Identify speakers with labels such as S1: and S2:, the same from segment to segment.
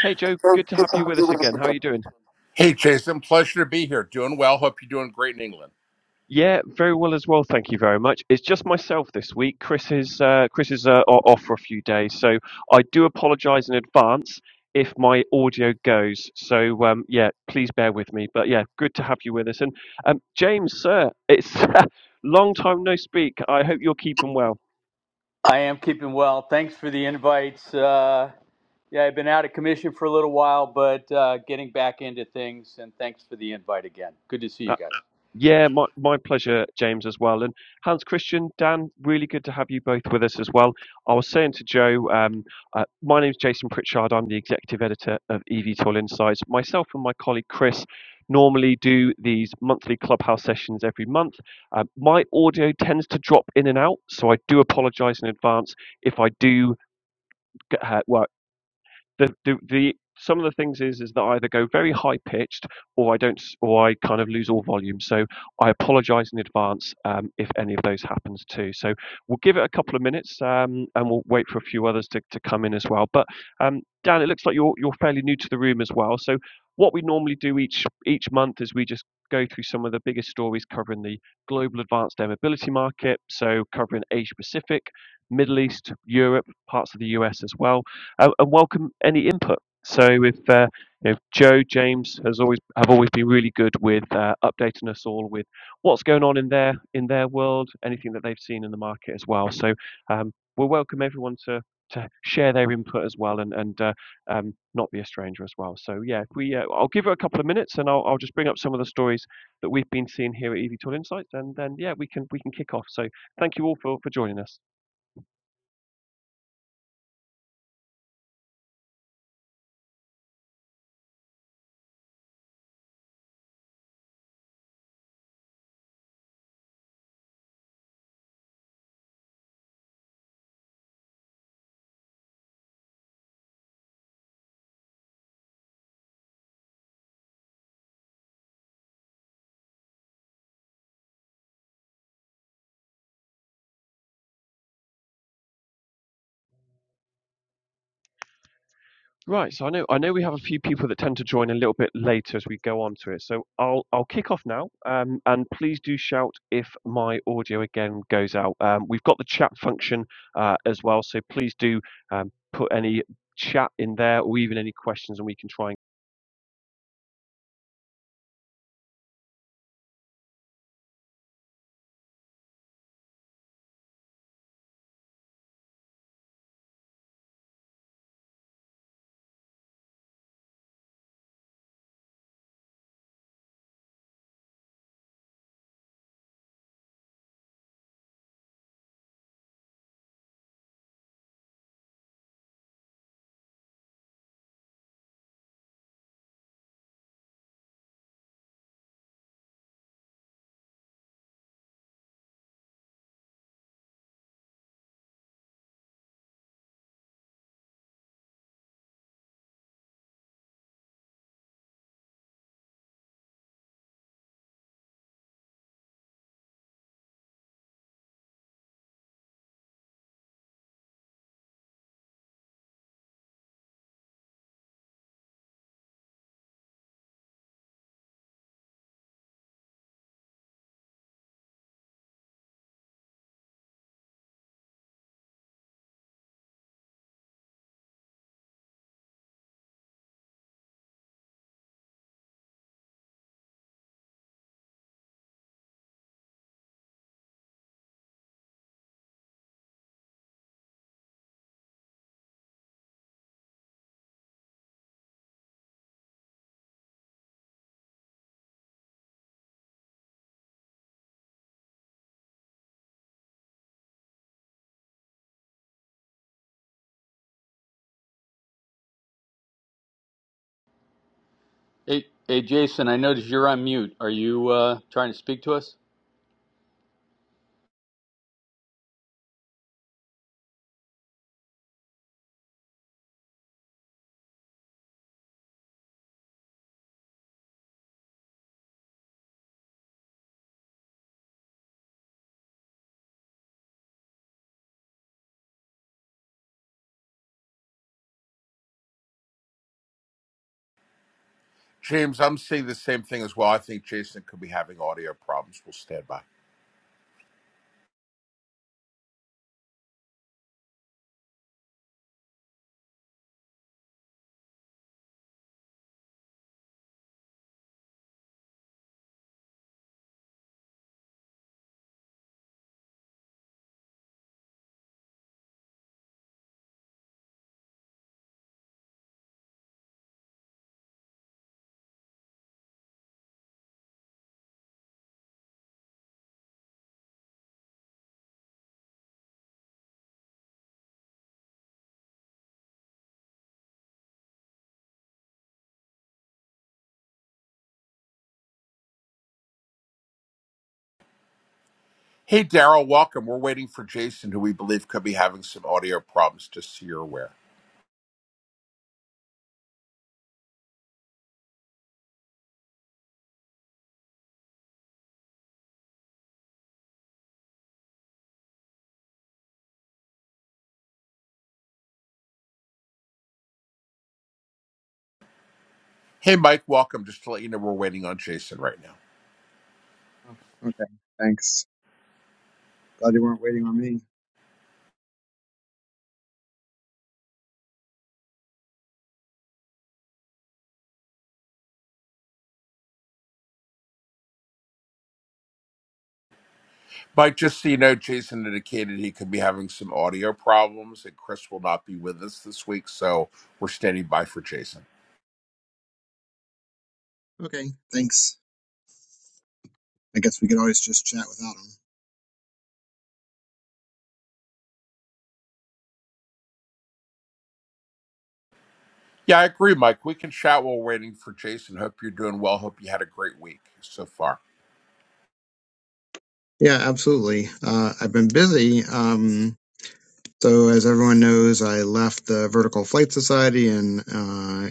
S1: Hey Joe, good to have you with us again. How are you doing?
S2: Hey, Jason, pleasure to be here. Doing well. Hope you're doing great in England.
S1: Yeah, very well as well. Thank you very much. It's just myself this week. Chris is uh, Chris is uh, o- off for a few days, so I do apologise in advance if my audio goes. So um, yeah, please bear with me. But yeah, good to have you with us. And um, James, sir, it's long time no speak. I hope you're keeping well.
S3: I am keeping well. Thanks for the invites. Uh, yeah, I've been out of commission for a little while, but uh, getting back into things. And thanks for the invite again. Good to see you guys.
S1: Yeah, my, my pleasure, James, as well. And Hans Christian, Dan, really good to have you both with us as well. I was saying to Joe, um, uh, my name's Jason Pritchard. I'm the executive editor of eVTOL Insights. Myself and my colleague Chris normally do these monthly clubhouse sessions every month. Uh, my audio tends to drop in and out, so I do apologize in advance if I do. get- Uh, well, the, the the some of the things is is that I either go very high pitched or I don't or I kind of lose all volume. So I apologise in advance um, if any of those happens too. So we'll give it a couple of minutes um, and we'll wait for a few others to, to come in as well. But um, Dan, it looks like you're you're fairly new to the room as well. So what we normally do each each month is we just go through some of the biggest stories covering the global advanced air mobility market. So covering Asia Pacific, Middle East, Europe, parts of the US as well uh, and welcome any input. So if uh, you know, Joe James has always have always been really good with uh, updating us all with what's going on in their in their world, anything that they've seen in the market as well. So um, we'll welcome everyone to to share their input as well and and uh, um, not be a stranger as well. So yeah, if we uh, I'll give it a couple of minutes and I'll I'll just bring up some of the stories that we've been seeing here at EV Tool Insights and then yeah we can we can kick off. So thank you all for for joining us. Right, so I know I know we have a few people that tend to join a little bit later as we go on to it. So I'll I'll kick off now, um, and please do shout if my audio again goes out. Um, we've got the chat function uh, as well, so please do um, put any chat in there or even any questions, and we can try and.
S3: Hey, hey Jason, I noticed you're on mute. Are you uh, trying to speak to us?
S2: James, I'm seeing the same thing as well. I think Jason could be having audio problems. We'll stand by. Hey, Daryl, welcome. We're waiting for Jason, who we believe could be having some audio problems, just so you're aware. Hey, Mike, welcome. Just to let you know, we're waiting on Jason right now.
S4: Oh, okay. Thanks. Glad you weren't waiting on me.
S2: Mike, just so you know, Jason indicated he could be having some audio problems, and Chris will not be with us this week, so we're standing by for Jason.
S4: Okay. Thanks. I guess we could always just chat without him.
S2: Yeah, I agree, Mike. We can chat while waiting for Jason. Hope you're doing well. Hope you had a great week so far.
S4: Yeah, absolutely. Uh, I've been busy. Um, so as everyone knows, I left the Vertical Flight Society in uh,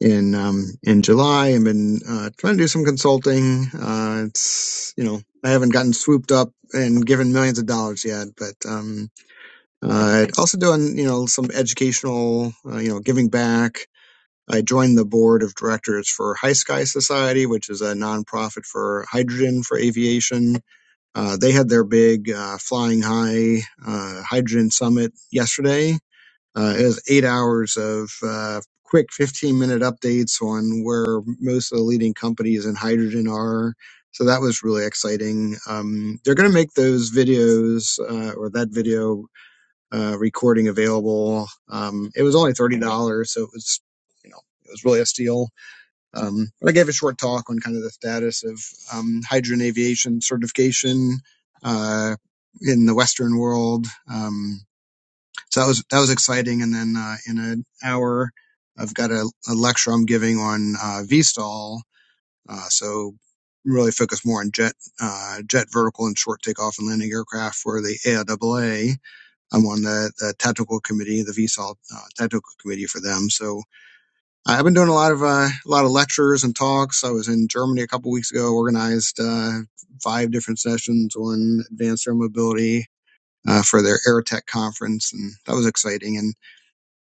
S4: in um, in July. I've been uh, trying to do some consulting. Uh, it's you know I haven't gotten swooped up and given millions of dollars yet, but um, uh, also doing you know some educational, uh, you know, giving back. I joined the board of directors for High Sky Society, which is a nonprofit for hydrogen for aviation. Uh, they had their big uh, Flying High uh, Hydrogen Summit yesterday. Uh, it was eight hours of uh, quick 15 minute updates on where most of the leading companies in hydrogen are. So that was really exciting. Um, they're going to make those videos uh, or that video uh, recording available. Um, it was only thirty dollars, so it was you know it was really a steal. Um, but I gave a short talk on kind of the status of um, hydrogen aviation certification uh, in the Western world. Um, so that was that was exciting. And then uh, in an hour, I've got a, a lecture I'm giving on uh, VSTOL. Uh, so really focus more on jet uh, jet vertical and short takeoff and landing aircraft for the AIAA I'm on the, the tactical committee, the VSOL uh, tactical committee for them. So I've been doing a lot of uh, a lot of lectures and talks. I was in Germany a couple of weeks ago, organized uh, five different sessions on advanced air mobility uh, for their AirTech conference, and that was exciting. And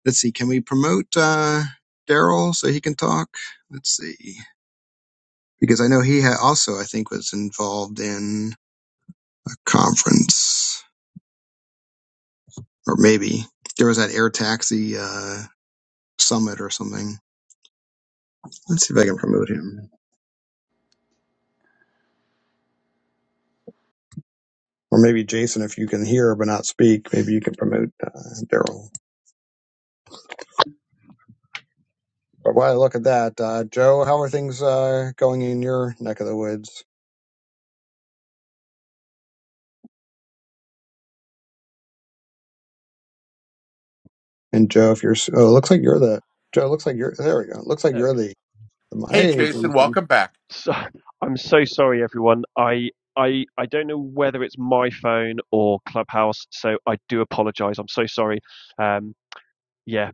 S4: let's see, can we promote uh, Daryl so he can talk? Let's see, because I know he had also I think was involved in a conference, or maybe there was that air taxi uh, summit or something. Let's see if I can promote him. Or maybe Jason, if you can hear but not speak, maybe you can promote uh, Daryl. But while I look at that, uh, Joe, how are things uh, going in your neck of the woods? And Joe, if you're, oh, it looks like you're the, Joe, it looks like you're, there we go. It looks like
S1: There we go.
S4: you're the, my
S2: Hey,
S4: age.
S2: Jason, welcome back.
S1: So, I'm so sorry, everyone. I I I don't know whether it's my phone or Clubhouse, so I do apologise. I'm so sorry. Um, yeah,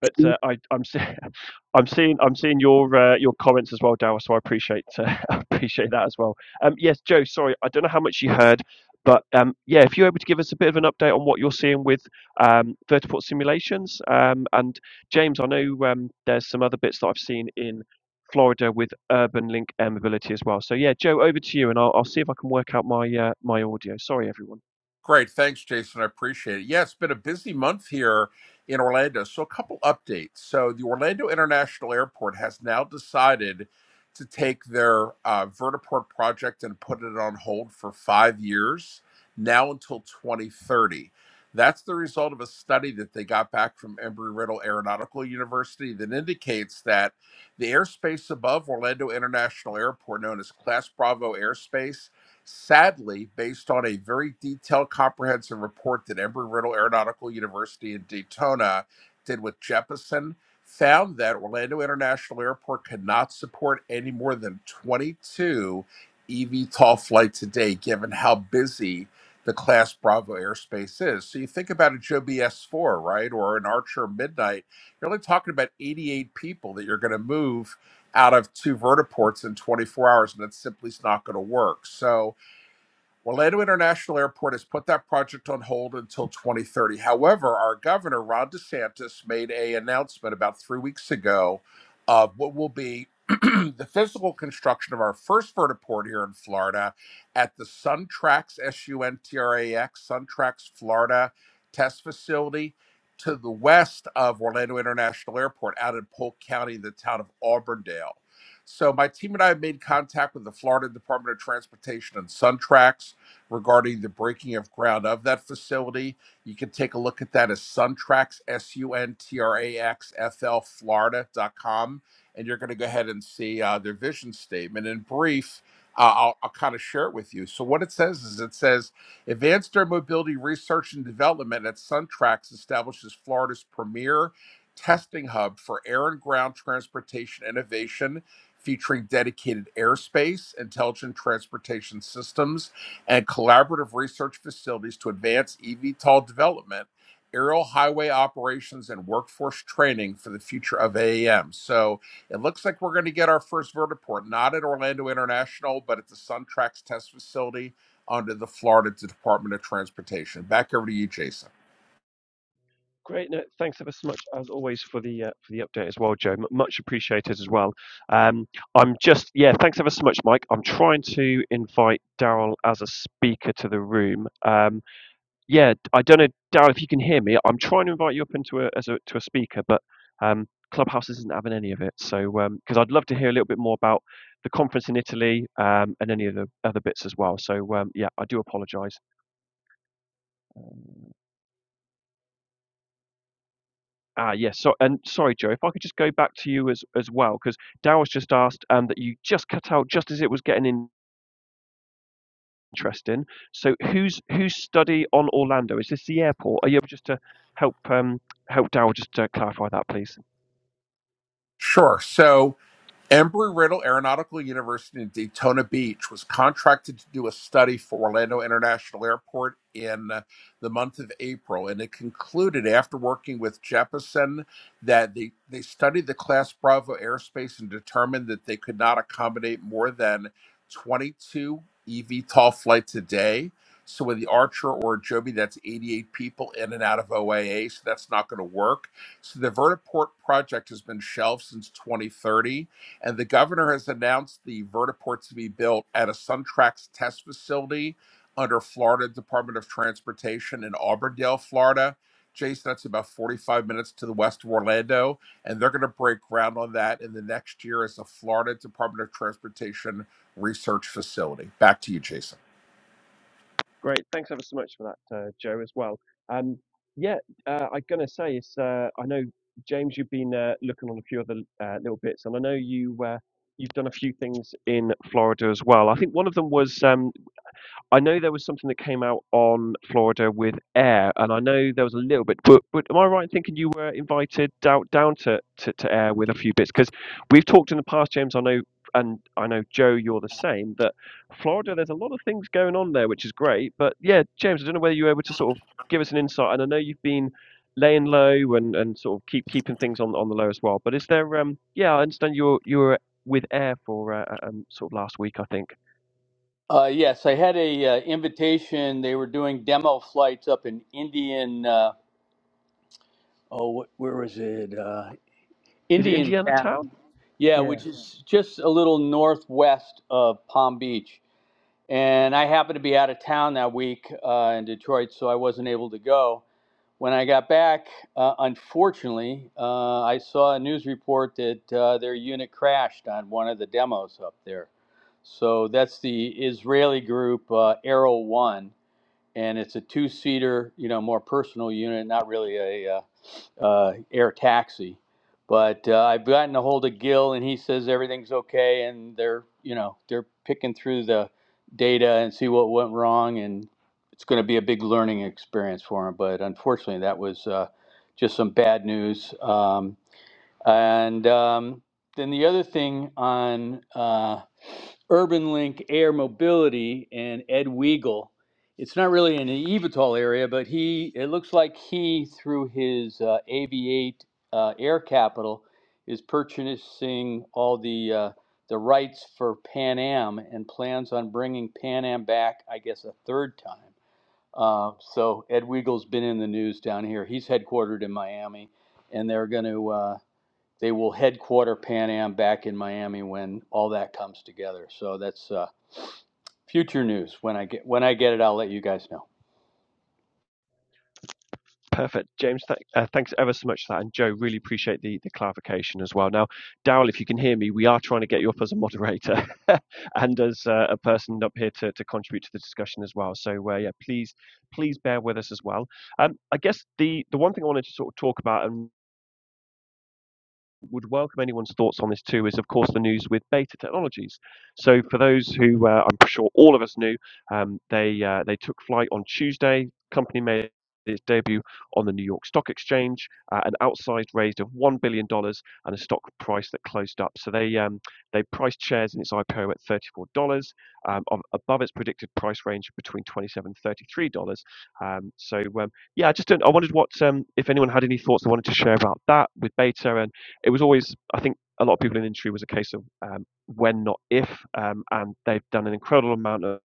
S1: but
S4: Jason.
S1: uh, I, I'm see, I'm seeing I'm seeing your uh, your comments as well, Dow. So I appreciate uh, I appreciate that as well. Um, yes, Joe. Sorry, I don't know how much you heard, but um, yeah, if you're able to give us a bit of an update on what you're seeing with um, vertiport simulations, um, and James, I know um, there's some other bits that I've seen in Florida with Urban Link Air Mobility as well. So yeah, Joe, over to you, and I'll, I'll see if I can work out my uh, my audio. Sorry, everyone.
S2: Great. Thanks, Jason. I appreciate it. Yeah, it's been a busy month here in Orlando. So, a couple updates. So, the Orlando International Airport has now decided to take their uh, vertiport project and put it on hold for five years, now until 2030. That's the result of a study that they got back from Embry Riddle Aeronautical University that indicates that the airspace above Orlando International Airport, known as Class Bravo airspace, Sadly, based on a very detailed, comprehensive report that Embry-Riddle Aeronautical University in Daytona did with Jeppesen, found that Orlando International Airport could not support any more than 22 eVTOL flights a day, given how busy the Class Bravo airspace is. So you think about a Joby S 4 right, or an Archer Midnight, you're only talking about 88 people that you're going to move out of two vertiports in 24 hours, and that simply is not going to work. So Orlando International Airport has put that project on hold until 2030. However, our governor, Ron DeSantis, made a announcement about three weeks ago of what will be the physical construction of our first vertiport here in Florida at the SunTrax, S-U-N-T-R-A-X, SunTrax Florida test facility to the west of Orlando International Airport out in Polk County, the town of Auburndale. So my team and I have made contact with the Florida Department of Transportation and SunTrax regarding the breaking of ground of that facility. You can take a look at that as Suntrax, S U N T R A X F L, Florida dot com, And you're going to go ahead and see uh, their vision statement. In brief, uh, I'll, I'll kind of share it with you. So, what it says is it says Advanced Air Mobility Research and Development at Suntrax establishes Florida's premier testing hub for air and ground transportation innovation featuring dedicated airspace, intelligent transportation systems, and collaborative research facilities to advance eVTOL development, aerial highway operations, and workforce training for the future of AAM. So it looks like we're going to get our first vertiport, not at Orlando International, but at the SunTrax test facility under the Florida Department of Transportation. Back over to you, Jason.
S1: Great. No, thanks ever so much as always for the uh, for the update as well, Joe. M- much appreciated as well. Um, I'm just yeah, thanks ever so much, Mike. I'm trying to invite Daryl as a speaker to the room. Um, yeah, I don't know, Daryl, if you can hear me. I'm trying to invite you up into a as a to a speaker, but um, Clubhouse isn't having any of it. So because I'd love to hear a little bit more about the conference in Italy um, and any of the other bits as well. So um, yeah, I do apologise. Ah, yes. So, and sorry, Joe, if I could just go back to you as as well, because Daryl's just asked um, that you just cut out just as it was getting in- interesting. So, who's whose study on Orlando? Is this the airport? Are you able just to help um, help Daryl just uh, clarify that, please?
S2: Sure. So Embry-Riddle Aeronautical University in Daytona Beach was contracted to do a study for Orlando International Airport in uh, the month of April, and it concluded after working with Jeppesen that they, they studied the Class Bravo airspace and determined that they could not accommodate more than 22 eVTOL flights a day. So with the Archer or Joby, that's 88 people in and out of OAA, so that's not going to work. So the Vertiport project has been shelved since 2030 and the governor has announced the vertiport to be built at a SunTrax test facility under Florida Department of Transportation in Auburndale, Florida. Jason, that's about 45 minutes to the west of Orlando. And they're going to break ground on that in the next year as a Florida Department of Transportation research facility. Back to you, Jason.
S1: Great. Thanks ever so much for that, uh, Joe, as well. Um, yeah, uh, I'm going to say is uh, I know James, you've been uh, looking on a few other uh, little bits, and I know you uh, you've done a few things in Florida as well. I think one of them was um, I know there was something that came out on Florida with Air, and I know there was a little bit, but, but am I right in thinking you were invited down, down to, to, to Air with a few bits? Because we've talked in the past, James, I know, and I know, Joe, you're the same, that Florida, there's a lot of things going on there, which is great. But yeah, James, I don't know whether you were able to sort of give us an insight, and I know you've been laying low and, and sort of keep keeping things on, on the low as well. But is there, um, yeah, I understand you were, you were with Air for uh, uh, um, sort of last week, I think.
S3: Uh, yes, I had a uh, invitation. They were doing demo flights up in Indian. Uh, oh, wh- where was it? Uh,
S1: Is it
S3: Indian
S1: Indiana
S3: town.
S1: Town?
S3: Yeah,
S1: Yeah.
S3: which is just a little northwest of Palm Beach. And I happened to be out of town that week uh, in Detroit, so I wasn't able to go. When I got back, uh, unfortunately, uh, I saw a news report that uh, their unit crashed on one of the demos up there. So that's the Israeli group uh, Arrow One, and it's a two-seater, you know, more personal unit, not really a uh, uh, air taxi. But uh, I've gotten a hold of Gil, and he says everything's okay, and they're you know they're picking through the data and see what went wrong, and it's going to be a big learning experience for him. But unfortunately, that was uh, just some bad news. Um, and um, then the other thing on uh, Urban Link Air Mobility and Ed Weigel, it's not really in the Evatol area, but he it looks like he through his uh, AV8 uh, Air Capital is purchasing all the uh, the rights for Pan Am and plans on bringing Pan Am back, I guess, a third time. Uh, so Ed Weigel's been in the news down here. He's headquartered in Miami, and they're going to. uh, they will headquarter Pan Am back in Miami when all that comes together. So that's uh, future news. When I get when I get it, I'll let you guys know.
S1: Perfect. James, th- uh, thanks ever so much for that. And Joe, really appreciate the, the clarification as well. Now, Daryl, if you can hear me, we are trying to get you up as a moderator and as uh, a person up here to, to contribute to the discussion as well. So, uh, yeah, please, please bear with us as well. Um, I guess the, the one thing I wanted to sort of talk about and would welcome anyone's thoughts on this too is, of course, the news with Beta Technologies. So, for those who uh, I'm sure all of us knew, um, they uh, they took flight on Tuesday. Company made its debut on the New York Stock Exchange, uh, an outsized raise of one billion dollars and a stock price that closed up. So they um, they priced shares in its IPO at thirty four dollars, um, above its predicted price range between twenty seven and thirty three dollars. Um, so um, yeah, I just don't, I wondered what um, if anyone had any thoughts they wanted to share about that with Beta and it was always, I think, a lot of people in the industry was a case of um, when, not if, um, and they've done an incredible amount of,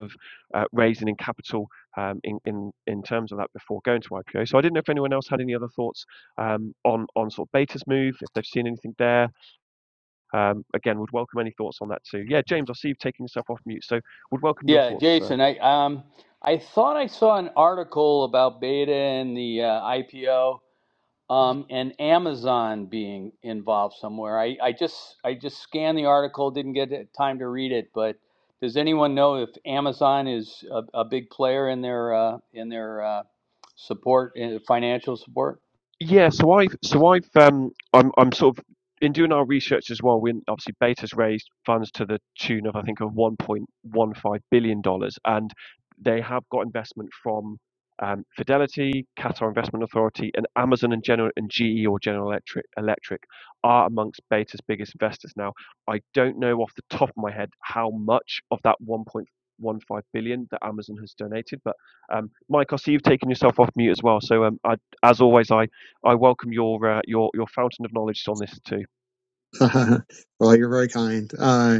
S1: of uh, raising in capital um, in, in in terms of that before going to IPO. So I didn't know if anyone else had any other thoughts um, on on sort of Beta's move, if they've seen anything there. Um, again, would welcome any thoughts on that too. Yeah, James, I see you've taken yourself off mute, so would welcome your
S3: Yeah,
S1: thoughts uh,
S3: Jason, I um I thought I saw an article about Beta and the uh, IPO um and Amazon being involved somewhere. I I just I just scanned the article, didn't get time to read it, but does anyone know if Amazon is a, a big player in their uh, in their uh, support, in financial support?
S1: Yeah, so I've so I've um I'm I'm sort of in doing our research as well. We obviously Beta's raised funds to the tune of I think of 1.15 billion dollars, and they have got investment from um, Fidelity, Qatar Investment Authority, and Amazon and General and GE or General Electric Electric are amongst Beta's biggest investors. Now, I don't know off the top of my head how much of that 1.15 billion that Amazon has donated, but um, Mike, I see you've taken yourself off mute as well. So um, I, as always, I I welcome your uh, your your fountain of knowledge on this too.
S4: well, you're very kind. Uh,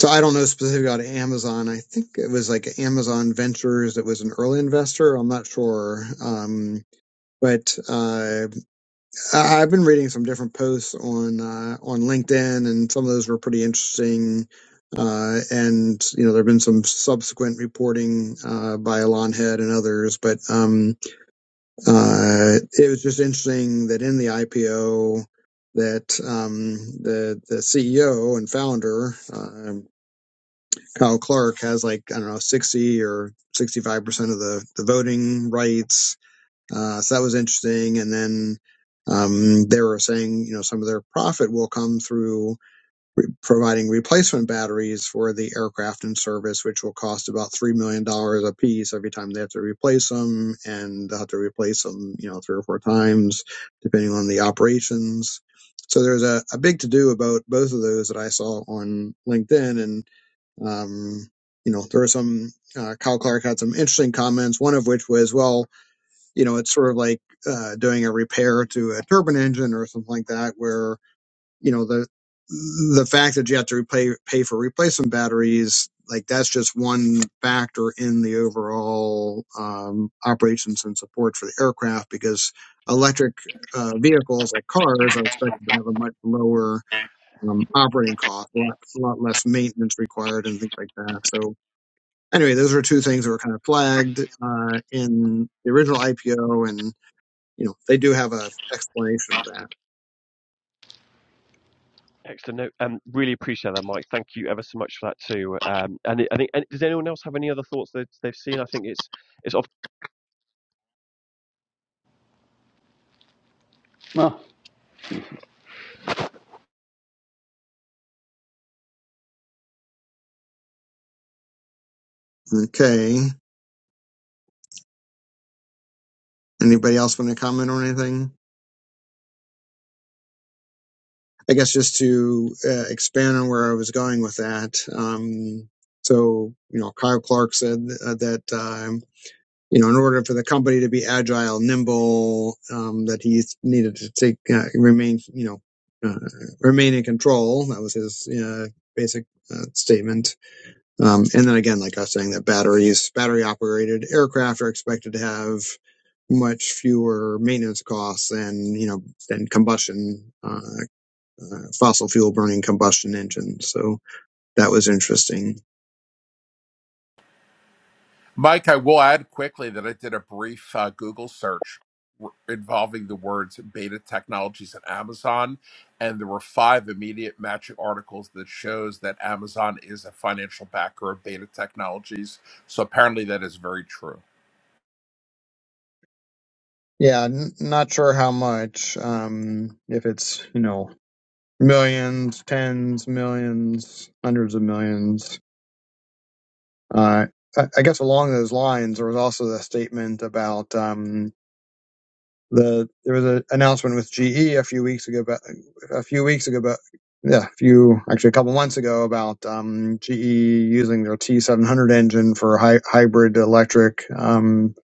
S4: so I don't know specifically about Amazon. I think it was like Amazon Ventures that was an early investor. I'm not sure. Um, but uh, I- I've been reading some different posts on uh, on LinkedIn, and some of those were pretty interesting. Uh, and you know, there have been some subsequent reporting uh, by Alon Head and others, but um, uh, it was just interesting that in the IPO that um, the the CEO and founder uh, Kyle Clark has like I don't know sixty or sixty five percent of the the voting rights uh, so that was interesting. And then um, they were saying, you know, some of their profit will come through providing replacement batteries for the aircraft in service, which will cost about $3 million dollars a piece every time they have to replace them. And they'll have to replace them, you know, three or four times, depending on the operations. So there's a, a big to do about both of those that I saw on LinkedIn. And, um, you know, there were some, uh, Kyle Clark had some interesting comments, one of which was, well, you know, it's sort of like uh, doing a repair to a turbine engine or something like that, where you know the the fact that you have to repay pay for replacement batteries, like that's just one factor in the overall um, operations and support for the aircraft because electric uh, vehicles like cars are expected to have a much lower um, operating cost, a lot, a lot less maintenance required, and things like that. So anyway, those are two things that were kind of flagged uh, in the original IPO, and you know, they do have a explanation of that.
S1: Excellent. No, um, really appreciate that, Mike. Thank you ever so much for that too. Um, and it- I think, and does anyone else have any other thoughts that they've seen? I think it's it's off.
S3: No.
S4: Okay. Anybody else want to comment on anything? I guess just to uh, expand on where I was going with that. Um, so, you know, Kyle Clark said uh, that, um, you know, in order for the company to be agile, nimble, um, that he needed to take, uh, remain, you know, uh, remain in control. That was his uh, basic uh, statement Um, and then again, like I was saying, that batteries, battery operated aircraft are expected to have much fewer maintenance costs than you know than combustion uh, uh, fossil fuel burning combustion engines. So that was interesting.
S2: Mike, I will add quickly that I did a brief uh, Google search r- involving the words beta technologies and Amazon, and there were five immediate matching articles that shows that Amazon is a financial backer of beta technologies. So apparently that is very true.
S4: Yeah, n- not sure how much. Um, if it's you know millions, tens, millions, hundreds of millions. Uh, I guess along those lines, there was also the statement about um, the there was an announcement with GE a few weeks ago, about, a few weeks ago, but yeah, a few actually a couple months ago about um, GE using their T700 engine for hy- hybrid electric um,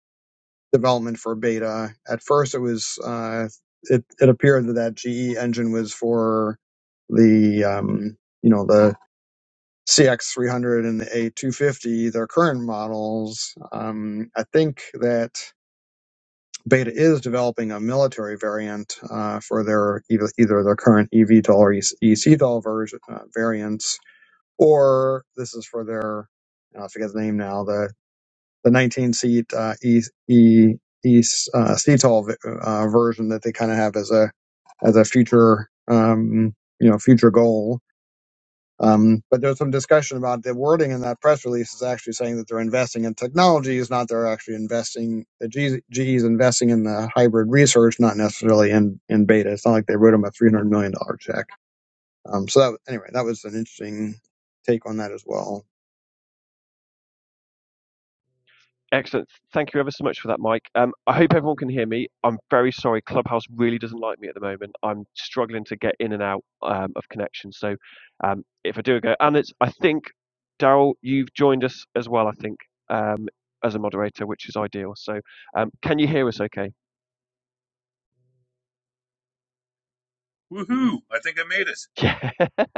S4: development for beta. At first, it was uh, it it appeared that that GE engine was for the um, you know the CX300 and the A250, their current models. Um, I think that Beta is developing a military variant uh, for their either, either their current eVTOL or eCTOL version, uh, variants, or this is for their I forget the name now the the 19 seat uh, e, e, e, uh, CTOL v- uh, version that they kind of have as a as a future um, you know future goal um, but there's some discussion about the wording in that press release is actually saying that they're investing in technology, is not they're actually investing. The G, GE is investing in the hybrid research, not necessarily in in beta. It's not like they wrote them a three hundred million dollar check. Um, so that anyway, that was an interesting take on that as well.
S1: Excellent. Thank you ever so much for that, Mike. Um, I hope everyone can hear me. I'm very sorry. Clubhouse really doesn't like me at the moment. I'm struggling to get in and out um, of connection. So, um, if I do a go, and it's I think Daryl, you've joined us as well. I think um, as a moderator, which is ideal. So, um, can you hear us? Okay.
S5: Woohoo! I think I made it.
S1: Yeah.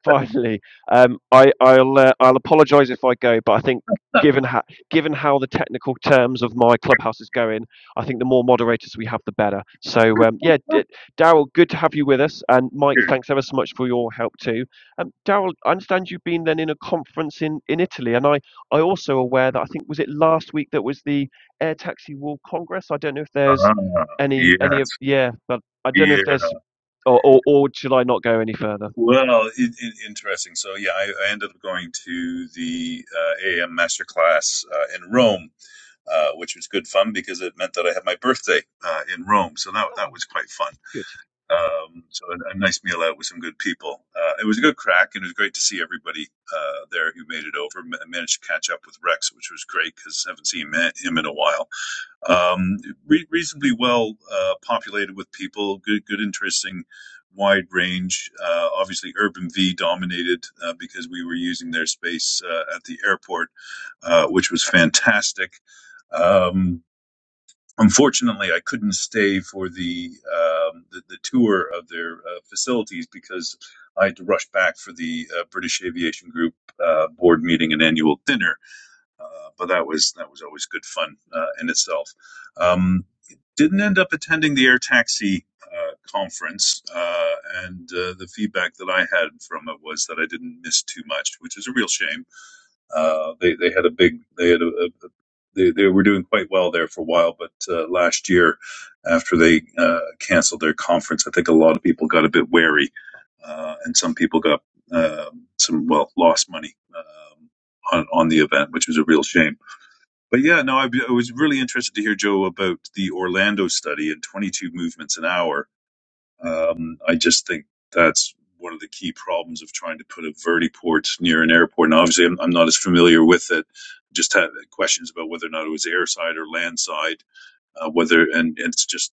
S1: Finally, um, I, I'll uh, I'll apologise if I go, but I think given how given how the technical terms of my clubhouse is going, I think the more moderators we have, the better. So um, yeah, D- Daryl, good to have you with us, and Mike, thanks ever so much for your help too. Um, Daryl, I understand you've been then in a conference in in Italy, and I I also aware that I think was it last week that was the Air Taxi World Congress. I don't know if there's
S5: Ah,
S1: any
S5: yeah,
S1: any of yeah, but I don't know
S5: yeah.
S1: if there's or or, or should I not go any further?
S5: Well, it, it, interesting. So yeah, I, I ended up going to the uh, AM masterclass uh, in Rome, uh, which was good fun because it meant that I had my birthday uh, in Rome. So that that
S1: Oh,
S5: was quite fun.
S1: good.
S5: Um, so a, a nice meal out with some good people. Uh, it was a good crack, and it was great to see everybody uh, there who made it over. I managed to catch up with Rex, which was great because I haven't seen ma- him in a while. um, re- reasonably well uh, populated with people, good, good, interesting, wide range. Uh, obviously, Urban V dominated uh, because we were using their space uh, at the airport, uh, which was fantastic. Um, unfortunately, I couldn't stay for the um, the, the tour of their uh, facilities because I had to rush back for the uh, British Aviation Group uh, board meeting and annual dinner uh, but that was that was always good fun uh, in itself. Um, didn't end up attending the air taxi uh, conference, uh, and uh, the feedback that I had from it was that I didn't miss too much, which is a real shame uh, they they had a big they had a, a they, they were doing quite well there for a while, but uh, last year, after they uh, canceled their conference, I think a lot of people got a bit wary, uh, and some people got um some well lost money um, on on the event, which was a real shame. But yeah, no, I, I was really interested to hear Joe about the Orlando study and 22 movements an hour um, I just think that's one of the key problems of trying to put a vertiport near an airport. And obviously, I'm, I'm not as familiar with it. Just had questions about whether or not it was airside or landside. Uh, whether and, and it's just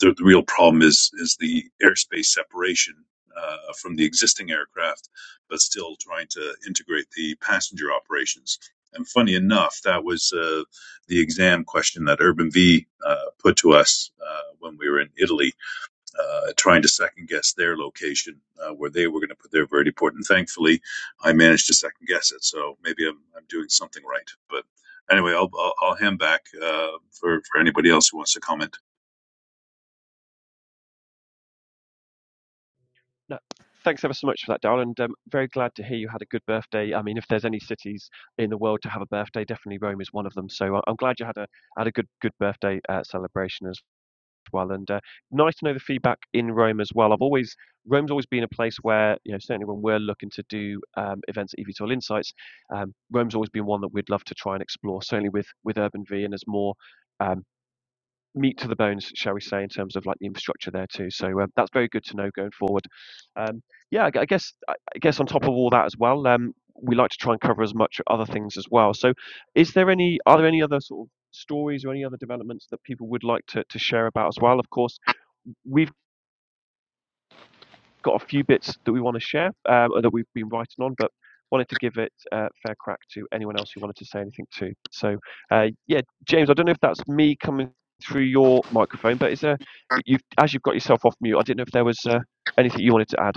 S5: the, the real problem is is the airspace separation uh, from the existing aircraft, but still trying to integrate the passenger operations. And funny enough, that was uh, the exam question that Urban V uh, put to us uh, when we were in Italy uh, trying to second guess their location uh, where they were going to put their vertiport. And thankfully, I managed to second guess it. So maybe I'm, I'm doing something right. But anyway, I'll, I'll, I'll hand back uh, for, for anybody else who wants to comment.
S1: No, thanks ever so much for that, Daryl, and um, very glad to hear you had a good birthday. I mean, if there's any cities in the world to have a birthday, definitely Rome is one of them. So I- I'm glad you had a had a good good birthday uh, celebration as well, and uh, nice to know the feedback in Rome as well. I've always Rome's always been a place where you know certainly when we're looking to do um, events at EVTOL Insights, um, Rome's always been one that we'd love to try and explore. Certainly with with Urban V and as more. Um, meat to the bones, shall we say, in terms of like the infrastructure there too. So um, that's very good to know going forward. Um, yeah, I I guess I I guess on top of all that as well, um, we like to try and cover as much other things as well. So, is there any are there any other sort of stories or any other developments that people would like to, to share about as well? Of course, we've got a few bits that we want to share um, that we've been writing on, but wanted to give it a uh, fair crack to anyone else who wanted to say anything too. So, uh, yeah, James, I don't know if that's me coming through your microphone, but is there, you've, as you've got yourself off mute, I didn't know if there was uh, anything you wanted to add.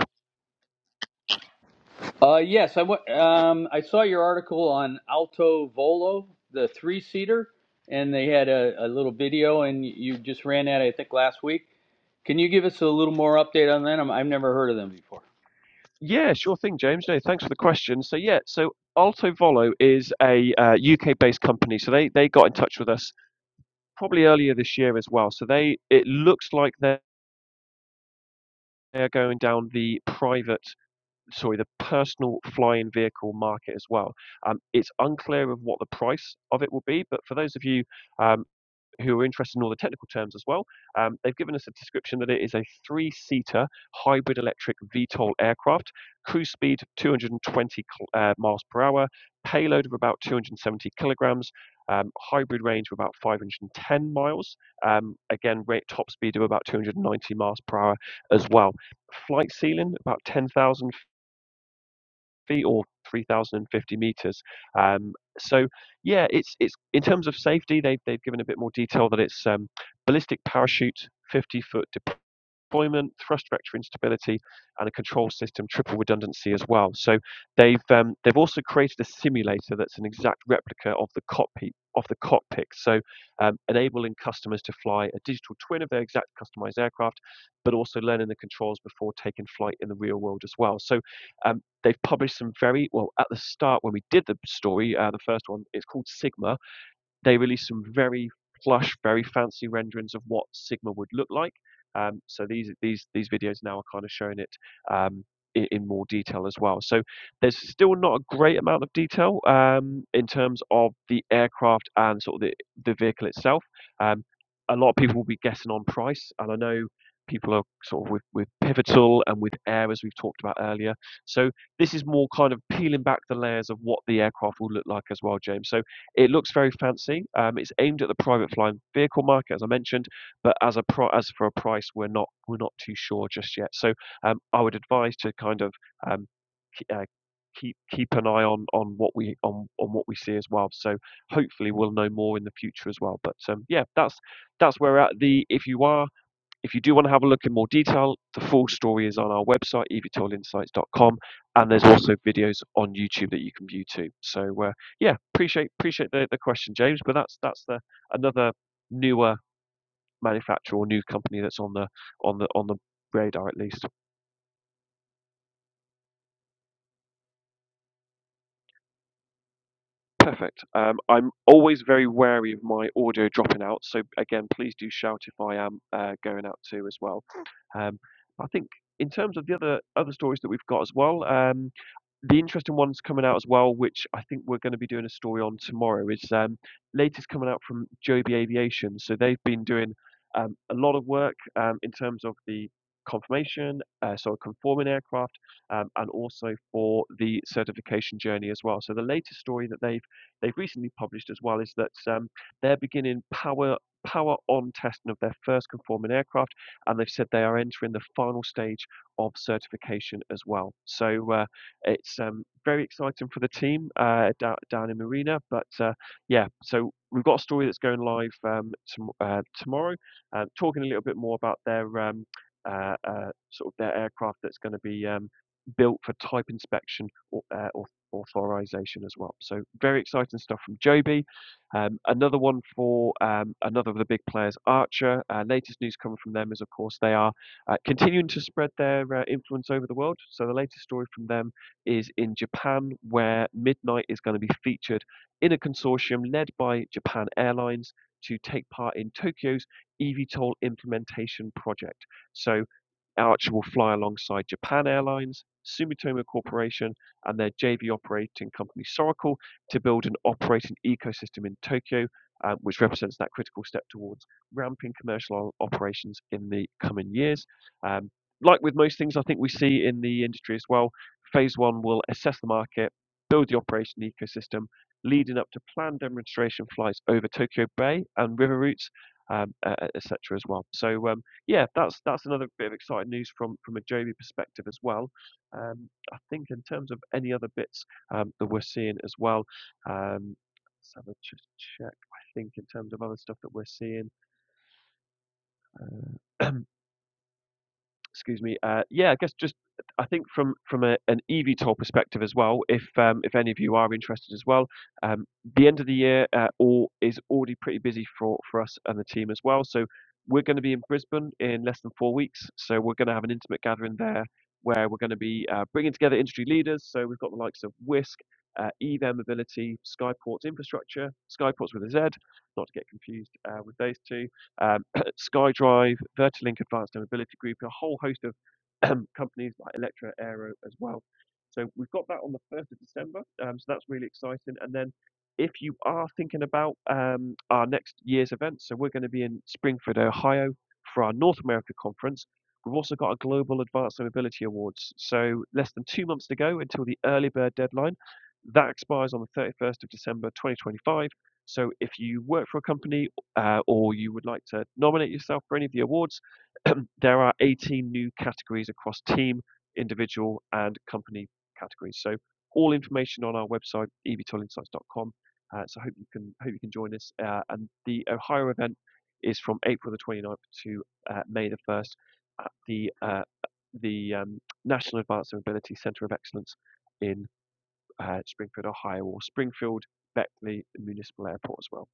S3: Uh, yes, I wa- um, I saw your article on Alto Volo, the three seater, and they had a, a little video, and you just ran that I think last week. Can you give us a little more update on that? I'm, I've never heard of them before.
S1: Yeah, sure thing, James. No, thanks for the question. So, yeah, so Alto Volo is a uh, UK based company. So, they, they got in touch with us probably earlier this year as well. So, they it looks like they're going down the private sorry, the personal flying vehicle market as well. Um, it's unclear of what the price of it will be, but for those of you um, who are interested in all the technical terms as well, um, they've given us a description that it is a three seater hybrid electric VTOL aircraft, cruise speed 220 uh, miles per hour, payload of about 270 kilograms. Um, hybrid range of about 510 miles. Um, again, rate top speed of about 290 miles per hour as well. Flight ceiling about 10,000 feet or 3,050 meters. Um, so yeah, it's it's in terms of safety, they've they've given a bit more detail that it's um, ballistic parachute, 50 foot deployment deployment, thrust vector instability, and a control system triple redundancy as well. So they've um, they've also created a simulator that's an exact replica of the cockpit of the cockpit. So um, enabling customers to fly a digital twin of their exact customized aircraft, but also learning the controls before taking flight in the real world as well. So um, they've published some very well at the start when we did the story, uh, the first one. It's called Sigma they released some very plush, very fancy renderings of what Sigma would look like. Um, so these these these videos now are kind of showing it um, in, in more detail as well. So there's still not a great amount of detail um, in terms of the aircraft and sort of the the vehicle itself. Um, a lot of people will be guessing on price, and I know people are sort of with, with pivotal and with air as we've talked about earlier so this is more kind of peeling back the layers of what the aircraft will look like as well james so it looks very fancy. Um, it's aimed at the private flying vehicle market, as I mentioned, but as a pro- as for a price, we're not we're not too sure just yet. So um, I would advise to kind of um, uh, keep keep an eye on on what we on on what we see as well. So hopefully we'll know more in the future as well. But um, yeah, that's that's where we're at the if you are if you do want to have a look in more detail, the full story is on our website, eVTOL insights dot com, and there's also videos on YouTube that you can view too. So uh, yeah, appreciate appreciate the, the question, James. But that's that's the another newer manufacturer or new company that's on the on the on the radar at least. Perfect. Um, I'm always very wary of my audio dropping out, so again, please do shout if I am uh, going out too as well. Um, I think in terms of the other other stories that we've got as well. Um, the interesting one's coming out as well, which I think we're going to be doing a story on tomorrow, is um, latest coming out from Joby Aviation. So they've been doing um, a lot of work um, in terms of the confirmation, uh, so a conforming aircraft, um, and also for the certification journey as well. So the latest story that they've they've recently published as well is that um, they're beginning power power on testing of their first conforming aircraft, and they've said they are entering the final stage of certification as well. So. Uh, it's um, very exciting for the team uh, down, down in Marina. But uh, yeah, so we've got a story that's going live um, tom- uh, tomorrow, uh, talking a little bit more about their um, uh, uh, sort of their aircraft that's going to be um, built for type inspection or uh, authorization as well. So very exciting stuff from Joby. Um, another one for um, another of the big players, Archer. Uh, latest news coming from them is, of course, they are uh, continuing to spread their uh, influence over the world. So the latest story from them is in Japan, where Midnight is going to be featured in a consortium led by Japan Airlines to take part in Tokyo's eVTOL implementation project. So Archer will fly alongside Japan Airlines, Sumitomo Corporation, and their JV operating company Soracle to build an operating ecosystem in Tokyo, um, which represents that critical step towards ramping commercial operations in the coming years. Um, like with most things, I think we see in the industry as well, Phase one will assess the market, build the operation ecosystem, leading up to planned demonstration flights over Tokyo Bay and river routes, um, uh, etc. as well. So um, yeah, that's that's another bit of exciting news from from a Joby perspective as well. Um, I think in terms of any other bits um, that we're seeing as well. Um, let's have a just check. I think in terms of other stuff that we're seeing. uh, excuse me. Uh, yeah, I guess just I think from from a, an EV toll perspective as well. If um, if any of you are interested as well, um, the end of the year uh, all is already pretty busy for for us and the team as well. So we're going to be in Brisbane in less than four weeks. So we're going to have an intimate gathering there where we're going to be uh, bringing together industry leaders. So we've got the likes of Whisk. Uh, EVAir Mobility, Skyports Infrastructure, Skyports with a Z, not to get confused uh, with those two, um, SkyDrive, Vertilink Advanced Air Mobility Group, a whole host of um, companies like Electra Aero as well. So we've got that on the 1st of December. Um, so that's really exciting. And then if you are thinking about um, our next year's event, so we're going to be in Springfield, Ohio for our North America conference. We've also got a Global Advanced Air Mobility Awards. So less than two months to go until the early bird deadline. That expires on the 31st of December 2025. So if you work for a company uh, or you would like to nominate yourself for any of the awards, there are 18 new categories across team, individual, and company categories. So all information on our website, ebtoolinsights.com. Uh, so I hope you can hope you can join us. Uh, and the Ohio event is from April the 29th to uh, May the 1st at the uh, the um, National Advanced Mobility Centre of Excellence in uh, Springfield, Ohio, or Springfield Beckley Municipal Airport as well.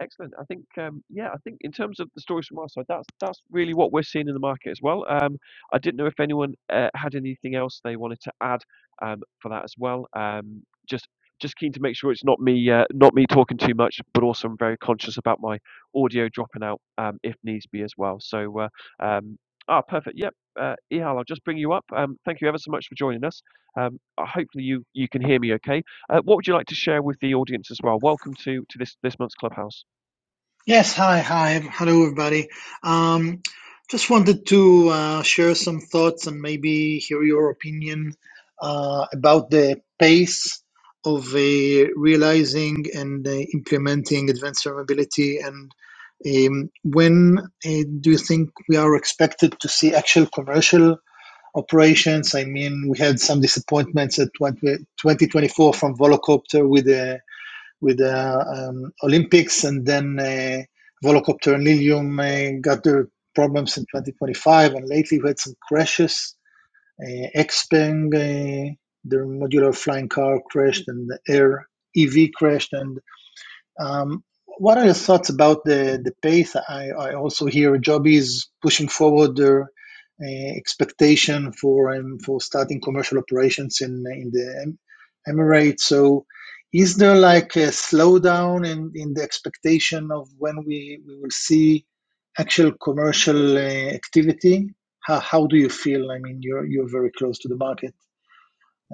S1: Excellent. I think, um, yeah, I think in terms of the stories from our side, that's that's really what we're seeing in the market as well. Um, I didn't know if anyone uh, had anything else they wanted to add um, for that as well. Um, just just keen to make sure it's not me uh, not me talking too much, but also I'm very conscious about my audio dropping out um, if needs be as well. So, uh, um, ah, perfect. Yep, uh, Ihal, I'll just bring you up. Um, thank you ever so much for joining us. Um, uh, hopefully you you can hear me okay. Uh, what would you like to share with the audience as well? Welcome to to this this month's clubhouse.
S6: Yes, hi, hi, hello everybody. Um, just wanted to uh, share some thoughts and maybe hear your opinion uh, about the pace of uh, realizing and uh, implementing advanced survivability, and um, when uh, do you think we are expected to see actual commercial operations? I mean, we had some disappointments at 20, 2024 from Volocopter with the with the uh, um, Olympics, and then uh, Volocopter and Lilium uh, got their problems in 2025, and lately we had some crashes. Uh, Xpeng, uh, their modular flying car crashed, and the Air EV crashed, and um, what are your thoughts about the, the pace? I, I also hear Joby is pushing forward their uh, expectation for um, for starting commercial operations in in the Em- Emirates. So, is there like a slowdown in, in the expectation of when we, we will see actual commercial uh, activity? How, how do you feel? I mean, you're you're very close to the market.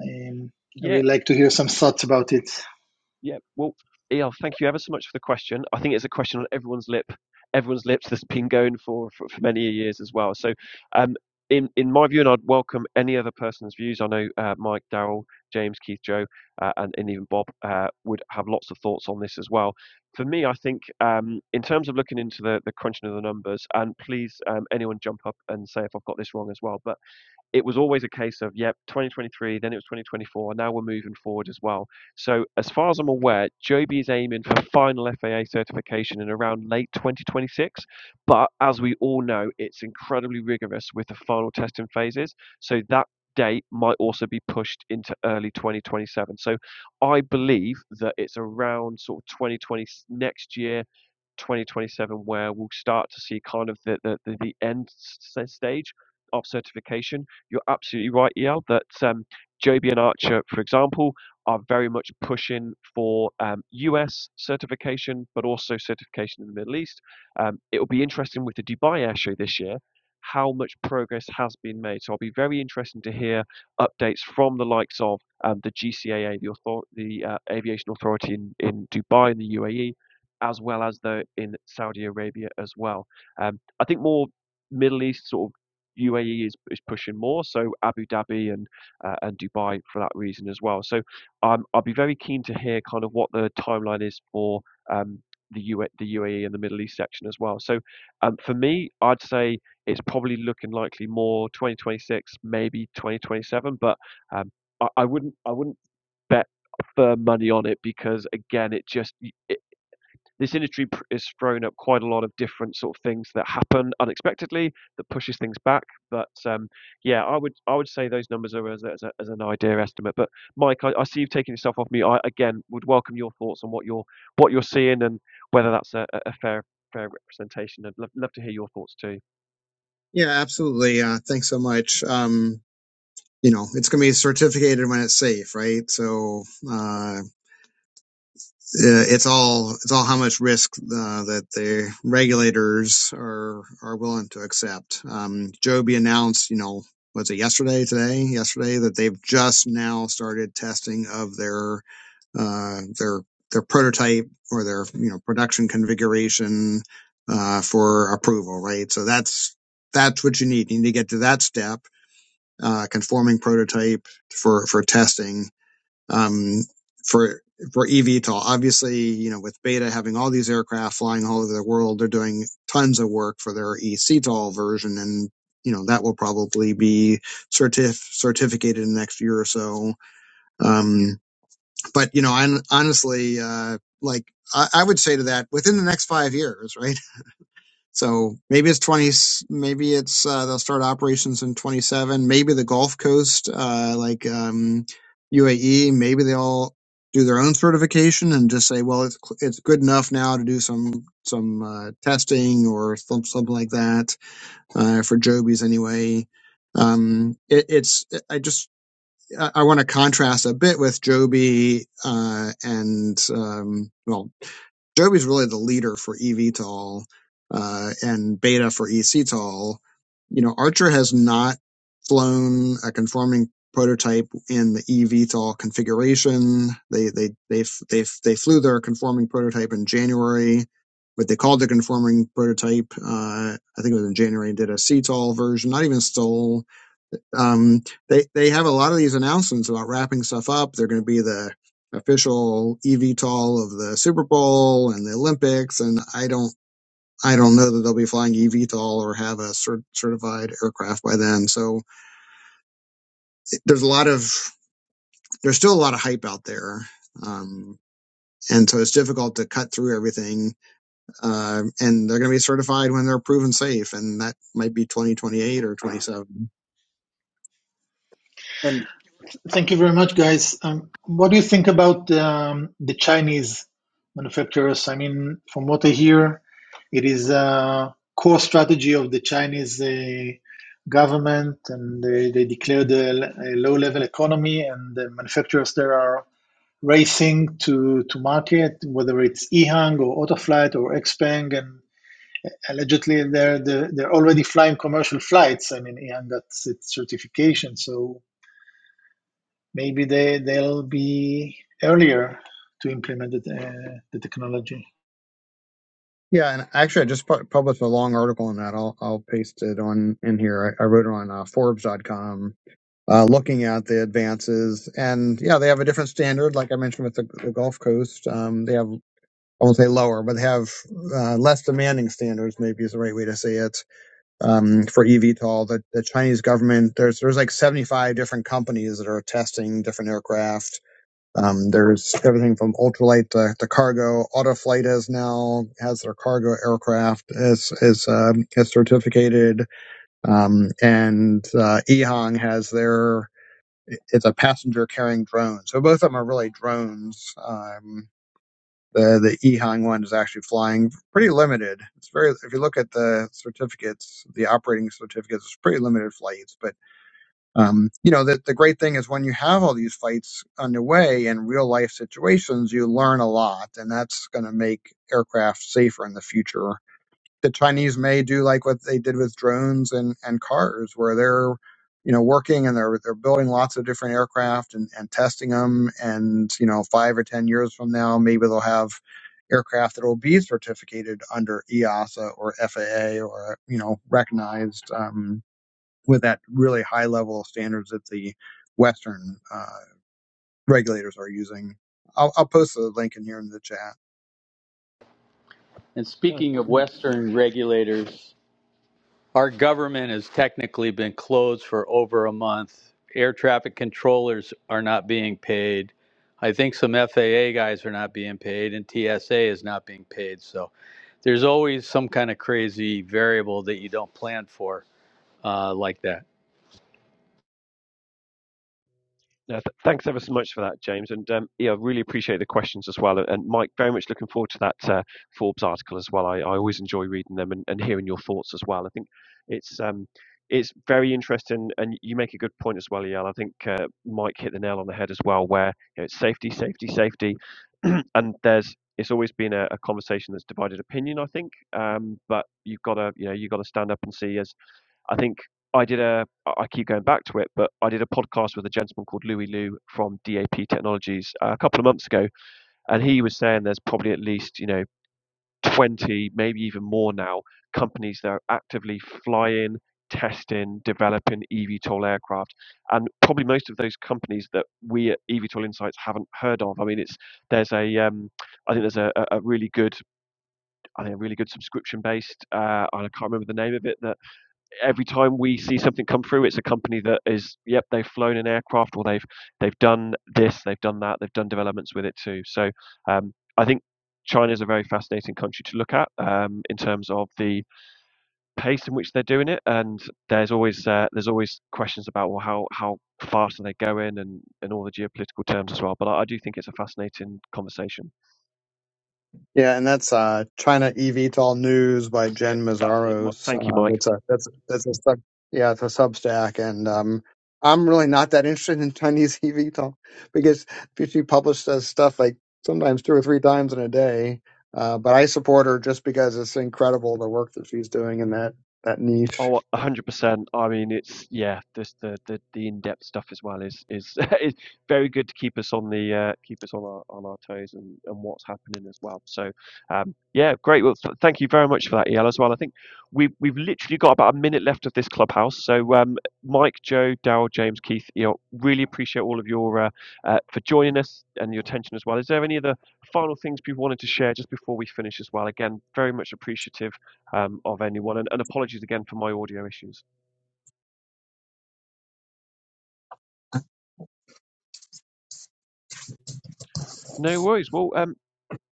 S6: Um, I
S1: Yeah,
S6: really like to hear some thoughts about it.
S1: yeah. Well, El, thank you ever so much for the question. I think it's a question on everyone's lip, everyone's lips that's been going for for, for many years as well. So, um, in in my view, and I'd welcome any other person's views. I know uh, Mike, Daryl, James, Keith, Joe, uh, and, and even Bob uh, would have lots of thoughts on this as well. For me, I think um, in terms of looking into the the crunching of the numbers, and please, um, anyone jump up and say if I've got this wrong as well. But it was always a case of yep 2023 then it was 2024 now we're moving forward as well so as far as i'm aware joby is aiming for final faa certification in around late 2026 but as we all know it's incredibly rigorous with the final testing phases so that date might also be pushed into early 2027 so i believe that it's around sort of 2020 next year 2027 where we'll start to see kind of the, the, the, end stage of certification. You're absolutely right, El, that um, Joby and Archer, for example, are very much pushing for um, US certification, but also certification in the Middle East. Um, it'll be interesting with the Dubai Air Show this year how much progress has been made. So I'll be very interested to hear updates from the likes of um, the GCAA, the, author- the uh, Aviation Authority in, in Dubai, in the UAE, as well as the in Saudi Arabia as well. Um, I think more Middle East sort of UAE is, is pushing more, so Abu Dhabi and uh, and Dubai for that reason as well. So um, I'll be very keen to hear kind of what the timeline is for um, the U the UAE and the Middle East section as well. So um, for me, I'd say it's probably looking likely more 2026, maybe 2027, but um, I, I wouldn't I wouldn't bet firm money on it because again, it just this industry pr- is throwing up quite a lot of different sort of things that happen unexpectedly that pushes things back. But um, yeah, I would I would say those numbers are as, a- as, a, as an idea estimate. But Mike, I, I see you've taken yourself off me. I again would welcome your thoughts on what you're what you're seeing and whether that's a, a fair fair representation. I'd love, love to hear your thoughts too.
S4: Yeah, absolutely. Uh, thanks so much. Um, you know, it's going to be certificated when it's safe, right? So, uh, uh, it's all it's all how much risk uh, that the regulators are are willing to accept. Um, Joby announced, you know, was it yesterday, today, yesterday that they've just now started testing of their uh, their their prototype or their you know production configuration uh, for approval, right? So that's that's what you need. You need to get to that step, uh, conforming prototype for for testing, um, for for eVTOL. Obviously, you know, with Beta having all these aircraft flying all over the world, they're doing tons of work for their eCTOL version, and you know that will probably be certif certificated in the next year or so. Um, but you know, i honestly, uh, like I, I would say to that, within the next five years, right? So maybe it's 20, maybe it's, uh, they'll start operations in 27, maybe the Gulf Coast, uh, like, um, UAE, maybe they'll do their own certification and just say, well, it's, it's good enough now to do some, some, uh, testing or some, something like that, uh, for Jobys anyway. Um, it, it's, I just, I I want to contrast a bit with Joby, uh, and, um, well, Joby's really the leader for eVTOL uh, and Beta for eCTOL. You know, Archer has not flown a conforming prototype in the eVTOL configuration. They they they f- they f- they flew their conforming prototype in January. What they called the conforming prototype, uh, I think it was in January, and did a CTOL version, not even Stol um, they they have a lot of these announcements about wrapping stuff up. They're going to be the official eVTOL of the Super Bowl and the Olympics, and I don't I don't know that they'll be flying eVTOL or have a cert- certified aircraft by then. So there's a lot of there's still a lot of hype out there. Um, and so it's difficult to cut through everything. Uh, and they're going to be certified when they're proven safe, and that might be 2028 or 27.
S3: And
S6: Thank you very much, guys. Um, what do you think about um, the Chinese manufacturers? I mean, from what I hear, it is a core strategy of the Chinese uh, government, and they, they declared a, a low-level economy, and the manufacturers there are racing to to market, whether it's Ehang or Autoflight or Xpeng, and allegedly they're they're, they're already flying commercial flights. I mean, Ehang got its certification, so Maybe they, they'll be earlier to implement the, uh, the technology.
S4: Yeah, and actually, I just pu- published a long article on that. I'll I'll paste it on in here. I, I wrote it on uh, Forbes.com, uh, looking at the advances, and yeah, they have a different standard. Like I mentioned with the, the Gulf Coast, um, they have I won't say lower, but they have uh, less demanding standards. Maybe is the right way to say it um, for eVTOL. The the Chinese government there's there's like 75 different companies that are testing different aircraft um, there's everything from ultralight to, to cargo. Autoflight has now has their cargo aircraft is is um, is certificated, um, and uh, EHang has their it's a passenger carrying drone. So both of them are really drones. Um, the the EHang one is actually flying pretty limited. It's very if you look at the certificates, the operating certificates, it's pretty limited flights, but um, you know, the, the great thing is when you have all these fights underway in real life situations, you learn a lot, and that's going to make aircraft safer in the future. The Chinese may do like what they did with drones and, and cars, where they're, you know, working and they're they're building lots of different aircraft and, and testing them. And you know, five or ten years from now, maybe they'll have aircraft that will be certificated under EASA or FAA or you know recognized. Um, with that really high level of standards that the Western uh, regulators are using. I'll, I'll post the link in here in the chat.
S3: and speaking of
S1: Yeah,
S3: Western regulators, our government has technically been closed for over a month. Air traffic controllers are not being paid. I think some FAA guys are not being paid, and TSA is not being paid. So there's always some kind of crazy variable that you don't plan for uh, like that.
S1: No, th- thanks ever so much for that, James. And um, yeah, I really appreciate the questions as well. And, and Mike, very much looking forward to that uh, Forbes article as well. I, I always enjoy reading them and, and hearing your thoughts as well. I think it's um, it's very interesting, and you make a good point as well, Yael. I think uh, Mike hit the nail on the head as well, where you know, it's safety, safety, safety, and there's it's always been a, a conversation that's divided opinion, I think. Um, but you've got to you know you've got to stand up and see as I think I did a. I keep going back to it, but I did a podcast with a gentleman called Louis Liu from DAP Technologies uh, a couple of months ago. And he was saying there's probably at least, you know, 20, maybe even more now, companies that are actively flying, testing, developing eVTOL aircraft. And probably most of those companies that we at eVTOL Insights haven't heard of. I mean, it's, there's a, um, I think there's a, a really good, I think a really good subscription based, uh, I can't remember the name of it, that every time we see something come through, it's a company that is, yep, they've flown an aircraft or they've they've done this, they've done that, they've done developments with it too. So um, I think China is a very fascinating country to look at um, in terms of the pace in which they're doing it, and there's always uh, there's always questions about well how how fast are they going and and all the geopolitical terms as well. But I, I do think it's a fascinating conversation.
S4: Yeah, and that's uh, China EVTOL News by
S1: That's it.
S4: Jen
S1: That's it.
S4: Mazaros.
S1: Thank you,
S4: Uh,
S1: Mike.
S4: that's a that's that's a sub, yeah, it's a Substack, and um, I'm really not that interested in Chinese EVTOL because she publishes stuff like sometimes two or three times in a day. Uh, but I support her just because it's incredible the work that she's doing in that that
S1: Oh,
S4: niche.
S1: one hundred percent. I mean, it's yeah. This the, the, the in depth stuff as well is is is very good to keep us on the uh, keep us on our on our toes and, and what's happening as well. So, um, yeah, great. Well, th- thank you very much for that, El, as well. I think we we've literally got about a minute left of this clubhouse. So, um, Mike, Joe, Daryl, James, Keith, El, really appreciate all of your uh, uh, for joining us and your attention as well. Is there any other final things people wanted to share just before we finish as well? Again, very much appreciative um, of anyone. And, and apologies again for my audio issues. No worries. Well, um,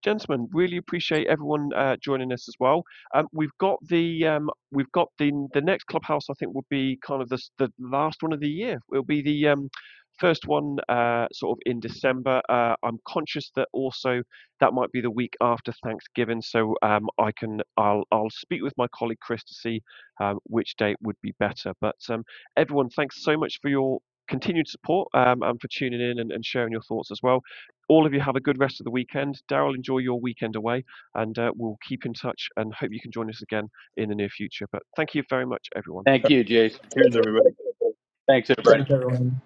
S1: gentlemen, really appreciate everyone uh, joining us as well. Um, we've got the um, we've got the the next clubhouse. I think will be kind of the the last one of the year. It'll be the um, first one uh, sort of in December. Uh, I'm conscious that also that might be the week after Thanksgiving, so um, I can I'll I'll speak with my colleague Chris to see um, which date would be better. But um, everyone, thanks so much for your continued support um, and for tuning in and, and sharing your thoughts as well all of you have a good rest of the weekend. Daryl, enjoy your weekend away, and uh, we'll keep in touch and hope you can join us again in the near future. But thank you very much, everyone.
S3: Thank you, Jason. Thanks, everybody.
S4: Thanks, everyone.